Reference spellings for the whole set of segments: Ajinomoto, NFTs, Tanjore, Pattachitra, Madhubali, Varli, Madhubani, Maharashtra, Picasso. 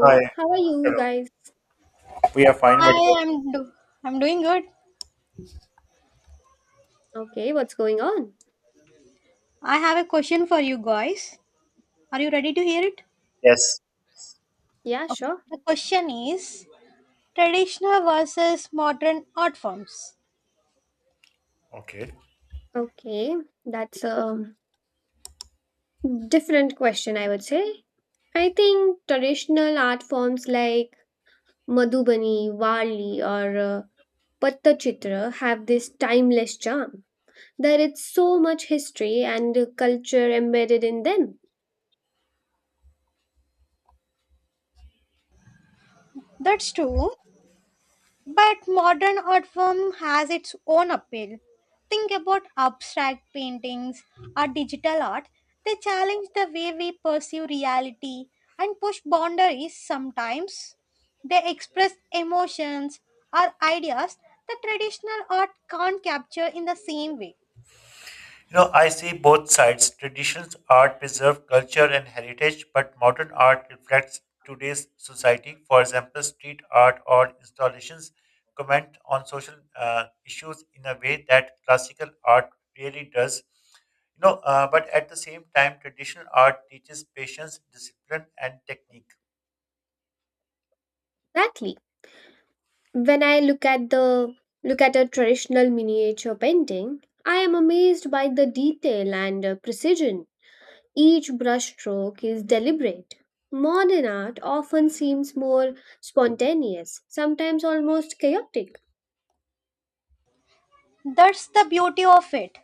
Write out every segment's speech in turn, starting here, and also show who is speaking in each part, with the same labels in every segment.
Speaker 1: Hi.
Speaker 2: how are you
Speaker 1: Hello.
Speaker 2: guys?
Speaker 1: We are fine.
Speaker 3: Hi, I'm doing good.
Speaker 2: Okay, what's going on?
Speaker 3: I have a question for you guys. Are you ready to hear it?
Speaker 1: Yes.
Speaker 2: Yeah,
Speaker 3: Okay.
Speaker 2: sure.
Speaker 3: The question is traditional versus modern art forms.
Speaker 1: Okay. You
Speaker 2: Okay, that's a different question, I would say. I think traditional art forms like Madhubani, Varli, or Pattachitra have this timeless charm. There is so much history and culture embedded in them.
Speaker 3: That's true. But modern art form has its own appeal. Think about abstract paintings or digital art. They challenge the way we perceive reality and push boundaries sometimes. They express emotions or ideas that traditional art can't capture in the same way.
Speaker 1: know, I see both sides. Traditional art preserves culture and heritage, but modern art reflects today's society. For example, street art or installations comment on social issues in a way that classical art really does. You know, but at the same time, traditional art teaches patience, discipline, and technique.
Speaker 2: Exactly. When I look at the look at a traditional miniature painting, I am amazed by the detail and precision. Each brushstroke is deliberate. Modern art often seems more spontaneous, sometimes almost chaotic.
Speaker 3: That's the beauty of it,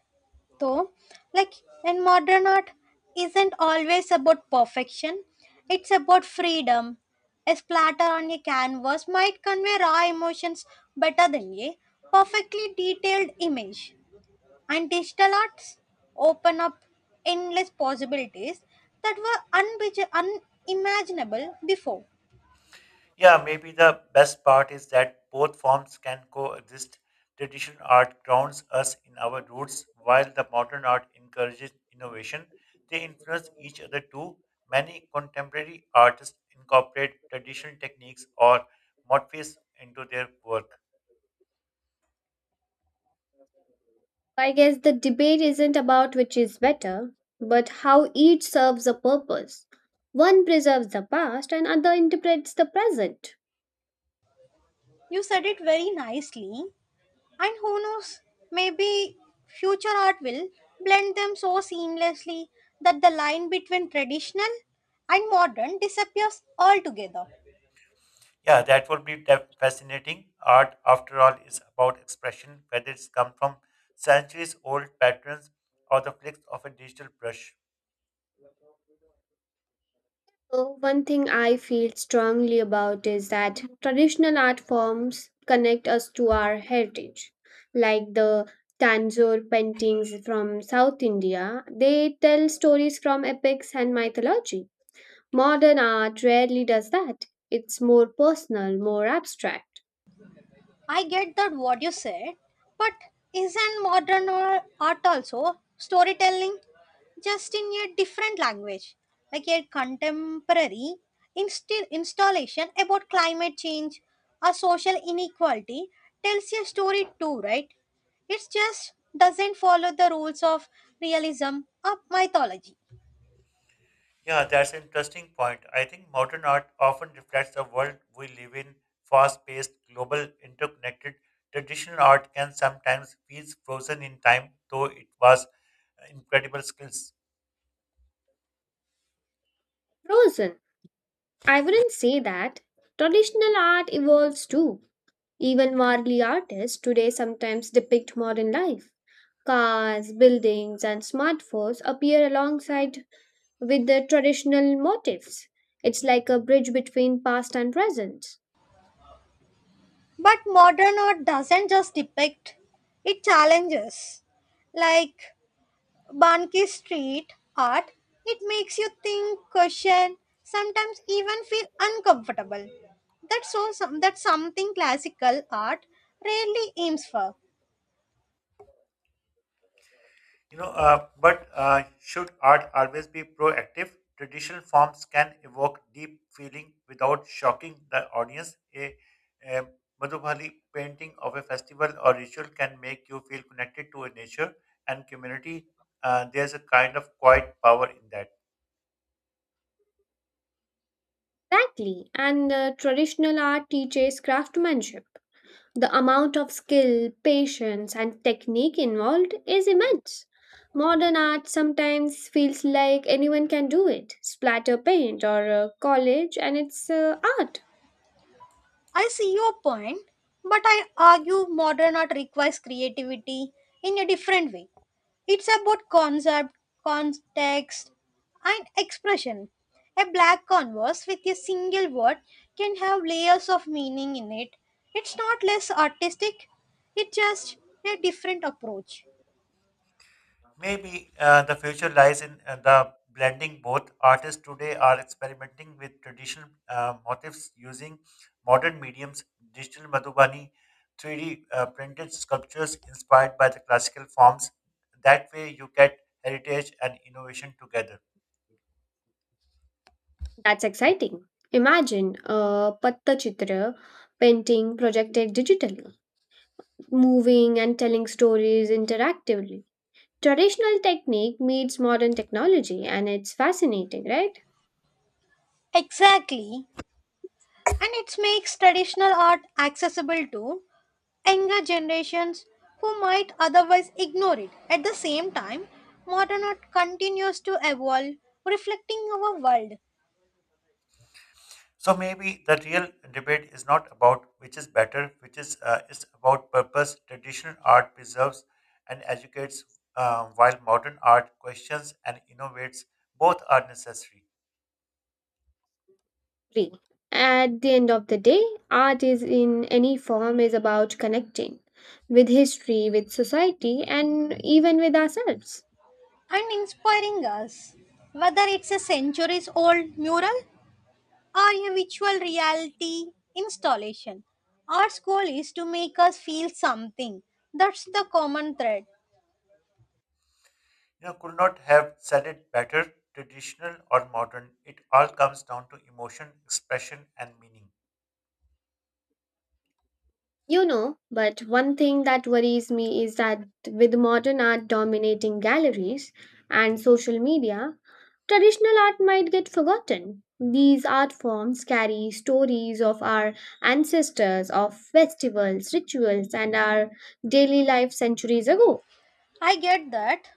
Speaker 3: though. Like in modern art, isn't always about perfection. It's about freedom. A splatter on a canvas might convey raw emotions better than a perfectly detailed image. And digital arts open up endless possibilities that were unimaginable before.
Speaker 1: Yeah, maybe the best part is that both forms can coexist. Traditional art grounds us in our roots, while the modern art encourages innovation. They influence each other too. Many contemporary artists incorporate traditional techniques or motifs into their work.
Speaker 2: I guess the debate isn't about which is better, but how each serves a purpose. One preserves the past and other interprets the present.
Speaker 3: You said it very nicely. And who knows, maybe future art will blend them so seamlessly that the line between traditional and modern disappears altogether.
Speaker 1: Yeah, that would be fascinating. Art, after all, is about expression, whether it's come from centuries old patterns or the flicks of a digital brush.
Speaker 2: So one thing I feel strongly about is that traditional art forms connect us to our heritage, like the Tanjore paintings from South India. They tell stories from epics and mythology. Modern art rarely does that. It's more personal, more abstract.
Speaker 3: I get that what you said, but isn't art also storytelling just in a different language, like a contemporary installation about climate change or social inequality tells a story too, right? It just doesn't follow the rules of realism or mythology.
Speaker 1: Yeah, that's an interesting point. I think modern art often reflects the world we live in, fast-paced, global, interconnected. Traditional art can sometimes feel frozen in time, though it was incredible skills.
Speaker 2: Frozen. I wouldn't say that. Traditional art evolves too. Even worldly artists today sometimes depict modern life. Cars, buildings, and smartphones appear alongside with the traditional motifs. It's like a bridge between past and present.
Speaker 3: But modern art doesn't just depict, it challenges. Like Banki street art, it makes you think, question, sometimes even feel uncomfortable. That's something classical art rarely aims for.
Speaker 1: You know, but should art always be proactive? Traditional forms can evoke deep feeling without shocking the audience. A Madhubali painting of a festival or ritual can make you feel connected to a nature and community. There's a kind of quiet power in that.
Speaker 2: Exactly, and traditional art teaches craftsmanship. The amount of skill, patience, and technique involved is immense. Modern art sometimes feels like anyone can do it splatter paint or collage and it's art.
Speaker 3: I see your point, but I argue modern art requires creativity in a different way. It's about concept, context, and expression. A black canvas with a single word can have layers of meaning in it. It's not less artistic, it's just a different approach.
Speaker 1: Maybe the future lies in the blending both. Artists today are experimenting with traditional motifs using modern mediums, digital Madhubani, 3D printed sculptures inspired by the classical forms. That way, you get heritage and innovation together.
Speaker 2: That's exciting. Imagine a Pattachitra painting projected digitally, moving and telling stories interactively. Traditional technique meets modern technology, and it's fascinating, right?
Speaker 3: Exactly, and it makes traditional art accessible too. Younger generations who might otherwise ignore it. At the same time, modern art continues to evolve, reflecting our world
Speaker 1: So maybe the real debate is not about which is better, which is it's about purpose. Traditional art preserves and educates, while modern art questions and innovates. Both are necessary.
Speaker 2: Free. At the end of the day, art is in any form is about connecting with history, with society, and even with ourselves.
Speaker 3: and inspiring us. Whether it's a centuries old mural or a virtual reality installation, art's goal is to make us feel something. That's the common thread.
Speaker 1: You know, could not have said it better. Traditional or modern, it all comes down to emotion, expression, and meaning.
Speaker 2: You know, but one thing that worries me is that with modern art dominating galleries and social media, traditional art might get forgotten. These art forms carry stories of our ancestors, of festivals, rituals, and our daily life centuries ago.
Speaker 3: I get that.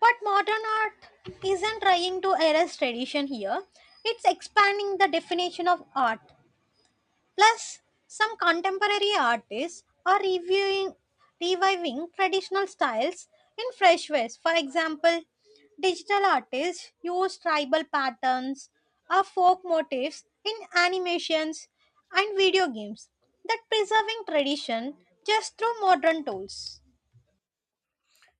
Speaker 3: But modern art isn't trying to erase tradition here, it's expanding the definition of art. Plus, some contemporary artists are reviving traditional styles in fresh ways. For example, digital artists use tribal patterns or folk motifs in animations and video games that preserving tradition just through modern tools.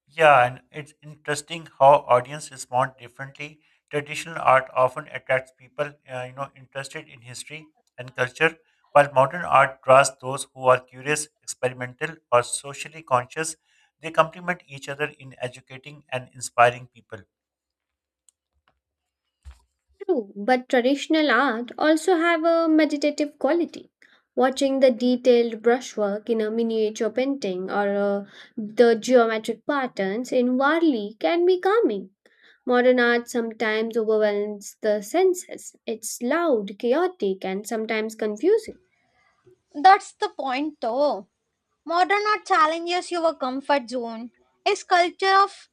Speaker 1: Yeah, and it's interesting how audience respond differently. Traditional art often attracts people, interested in history and culture, while modern art draws those who are curious, experimental, or socially conscious. They complement each other in educating and inspiring people.
Speaker 2: True, but traditional art also have a meditative quality. Watching the detailed brushwork in a miniature painting or uh, the geometric patterns in Varli can be calming. Modern art sometimes overwhelms the senses. It's loud, chaotic, and sometimes confusing.
Speaker 3: That's the point though. Modern art challenges your comfort zone. A sculpture of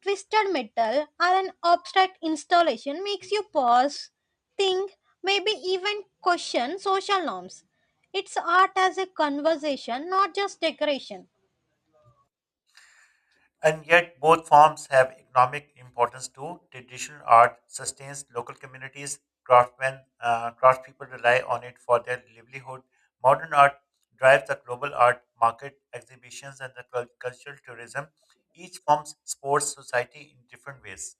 Speaker 3: twisted metal or an abstract installation makes you pause, think, maybe even question social norms. It's art as a conversation, not just decoration.
Speaker 1: And yet, both forms have economic importance too. Traditional art sustains local communities, craft people rely on it for their livelihood. Modern art drives the global art market, exhibitions, and the cultural tourism. Each form supports society in different ways.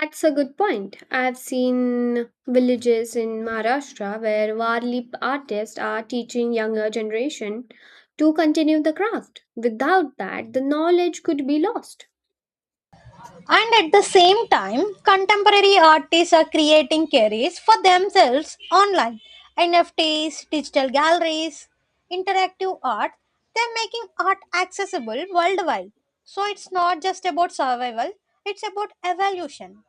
Speaker 2: That's a good point. I've seen villages in Maharashtra where Warli artists are teaching younger generation to continue the craft. Without that, the knowledge could be lost.
Speaker 3: And at the same time, contemporary artists are creating careers for themselves online. NFTs, digital galleries, interactive art, they're making art accessible worldwide. So it's not just about survival, it's about evolution.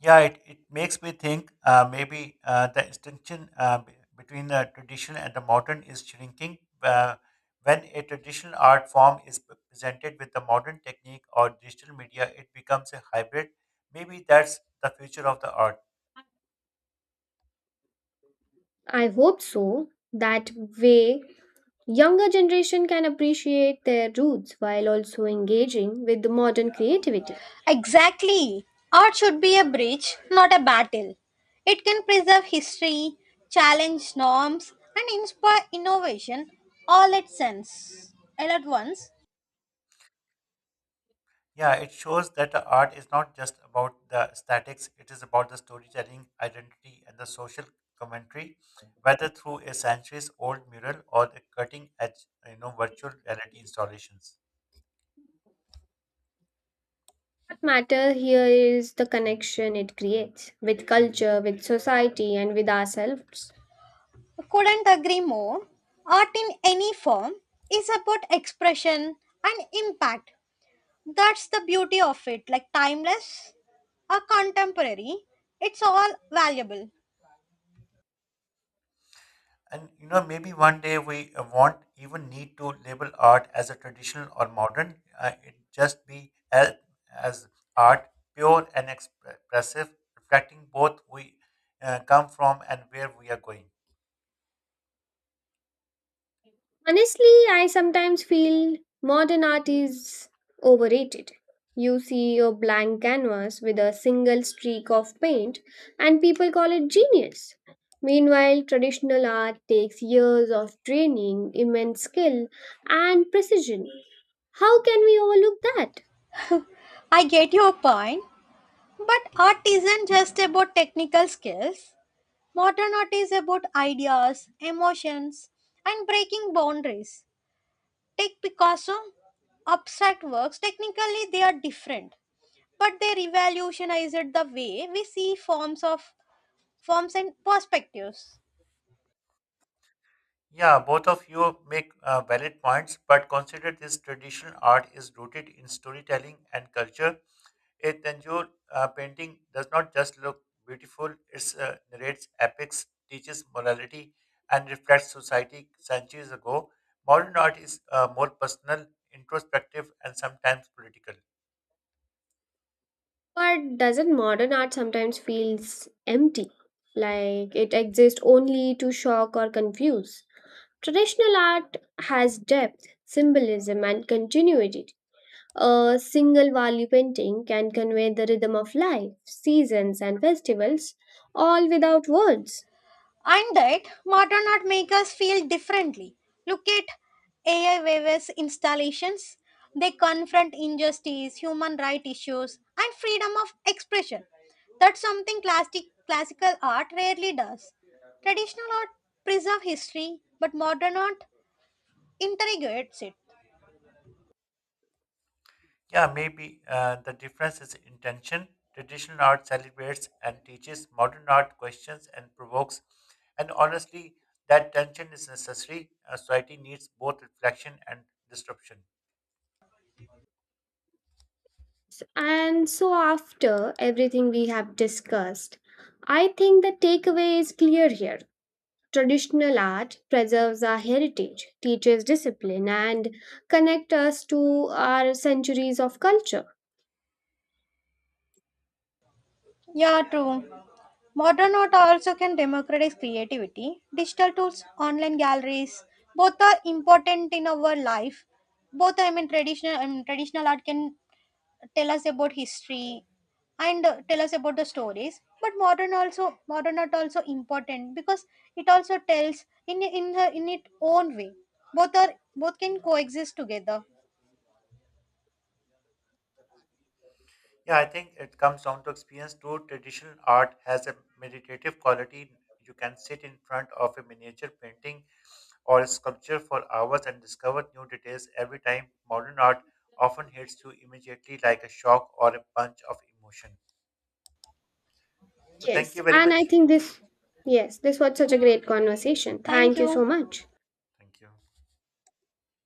Speaker 1: Yeah, it makes me think maybe the distinction between the traditional and the modern is shrinking. When a traditional art form is presented with the modern technique or digital media, it becomes a hybrid. Maybe that's the future of the art.
Speaker 2: I hope so. That way, younger generation can appreciate their roots while also engaging with the modern creativity.
Speaker 3: Exactly. Art should be a bridge, not a battle. It can preserve history, challenge norms, and inspire innovation all at once. All at once.
Speaker 1: Yeah, it shows that the art is not just about the aesthetics, it is about the storytelling, identity, and the social commentary, whether through a centuries old mural or the cutting edge, you know, virtual reality installations.
Speaker 2: What matter here is the connection it creates with culture, with society and with ourselves.
Speaker 3: Couldn't agree more. Art in any form is about expression and impact. That's the beauty of it. Like timeless or contemporary, it's all valuable.
Speaker 1: And you know, maybe one day we won't even need to label art as a traditional or modern. It just be as art, pure and expressive, reflecting both we come from and where we are going.
Speaker 2: Honestly, I sometimes feel modern art is overrated. You see a blank canvas with a single streak of paint and people call it genius. Meanwhile, traditional art takes years of training, immense skill and precision. How can we overlook that?
Speaker 3: I get your point, but art isn't just about technical skills. Modern art is about ideas, emotions, and breaking boundaries. Take Picasso, abstract works, technically they are different, but they revolutionized the way we see forms and perspectives.
Speaker 1: Yeah, both of you make valid points, but consider this traditional art is rooted in storytelling and culture. A Tanjore painting does not just look beautiful, it narrates epics, teaches morality, and reflects society centuries ago. Modern art is more personal, introspective, and sometimes political.
Speaker 2: But doesn't modern art sometimes feels empty? Like it exists only to shock or confuse. Traditional art has depth, symbolism, and continuity. A single Wali painting can convey the rhythm of life, seasons, and festivals, all without words.
Speaker 3: And that modern art make us feel differently. Look at AI waves installations. They confront injustice, human rights issues, and freedom of expression. That's something classic, classical art rarely does. Traditional art preserve history, but modern art interrogates it.
Speaker 1: Yeah, maybe the difference is intention. Traditional art celebrates and teaches, modern art questions and provokes. And honestly, that tension is necessary. A society needs both reflection and disruption.
Speaker 2: And so, after everything we have discussed, I think the takeaway is clear here. Traditional art preserves our heritage, teaches discipline, and connect us to our centuries of culture.
Speaker 3: Yeah, true. Modern art also can democratize creativity. Digital tools, online galleries, both are important in our life. Both, I mean, traditional art can tell us about history and tell us about the stories. But modern art also important because it also tells in its own way. Both can coexist together.
Speaker 1: Yeah, I think it comes down to experience. True traditional art has a meditative quality. You can sit in front of a miniature painting or a sculpture for hours and discover new details every time. Modern art often hits you immediately like a shock or a punch of emotion. So, thank
Speaker 2: Yes,
Speaker 1: you very
Speaker 2: and I
Speaker 1: much.
Speaker 2: think this was such a great conversation.
Speaker 3: Thank
Speaker 2: Thank you so
Speaker 3: you.
Speaker 2: much.
Speaker 1: Thank you.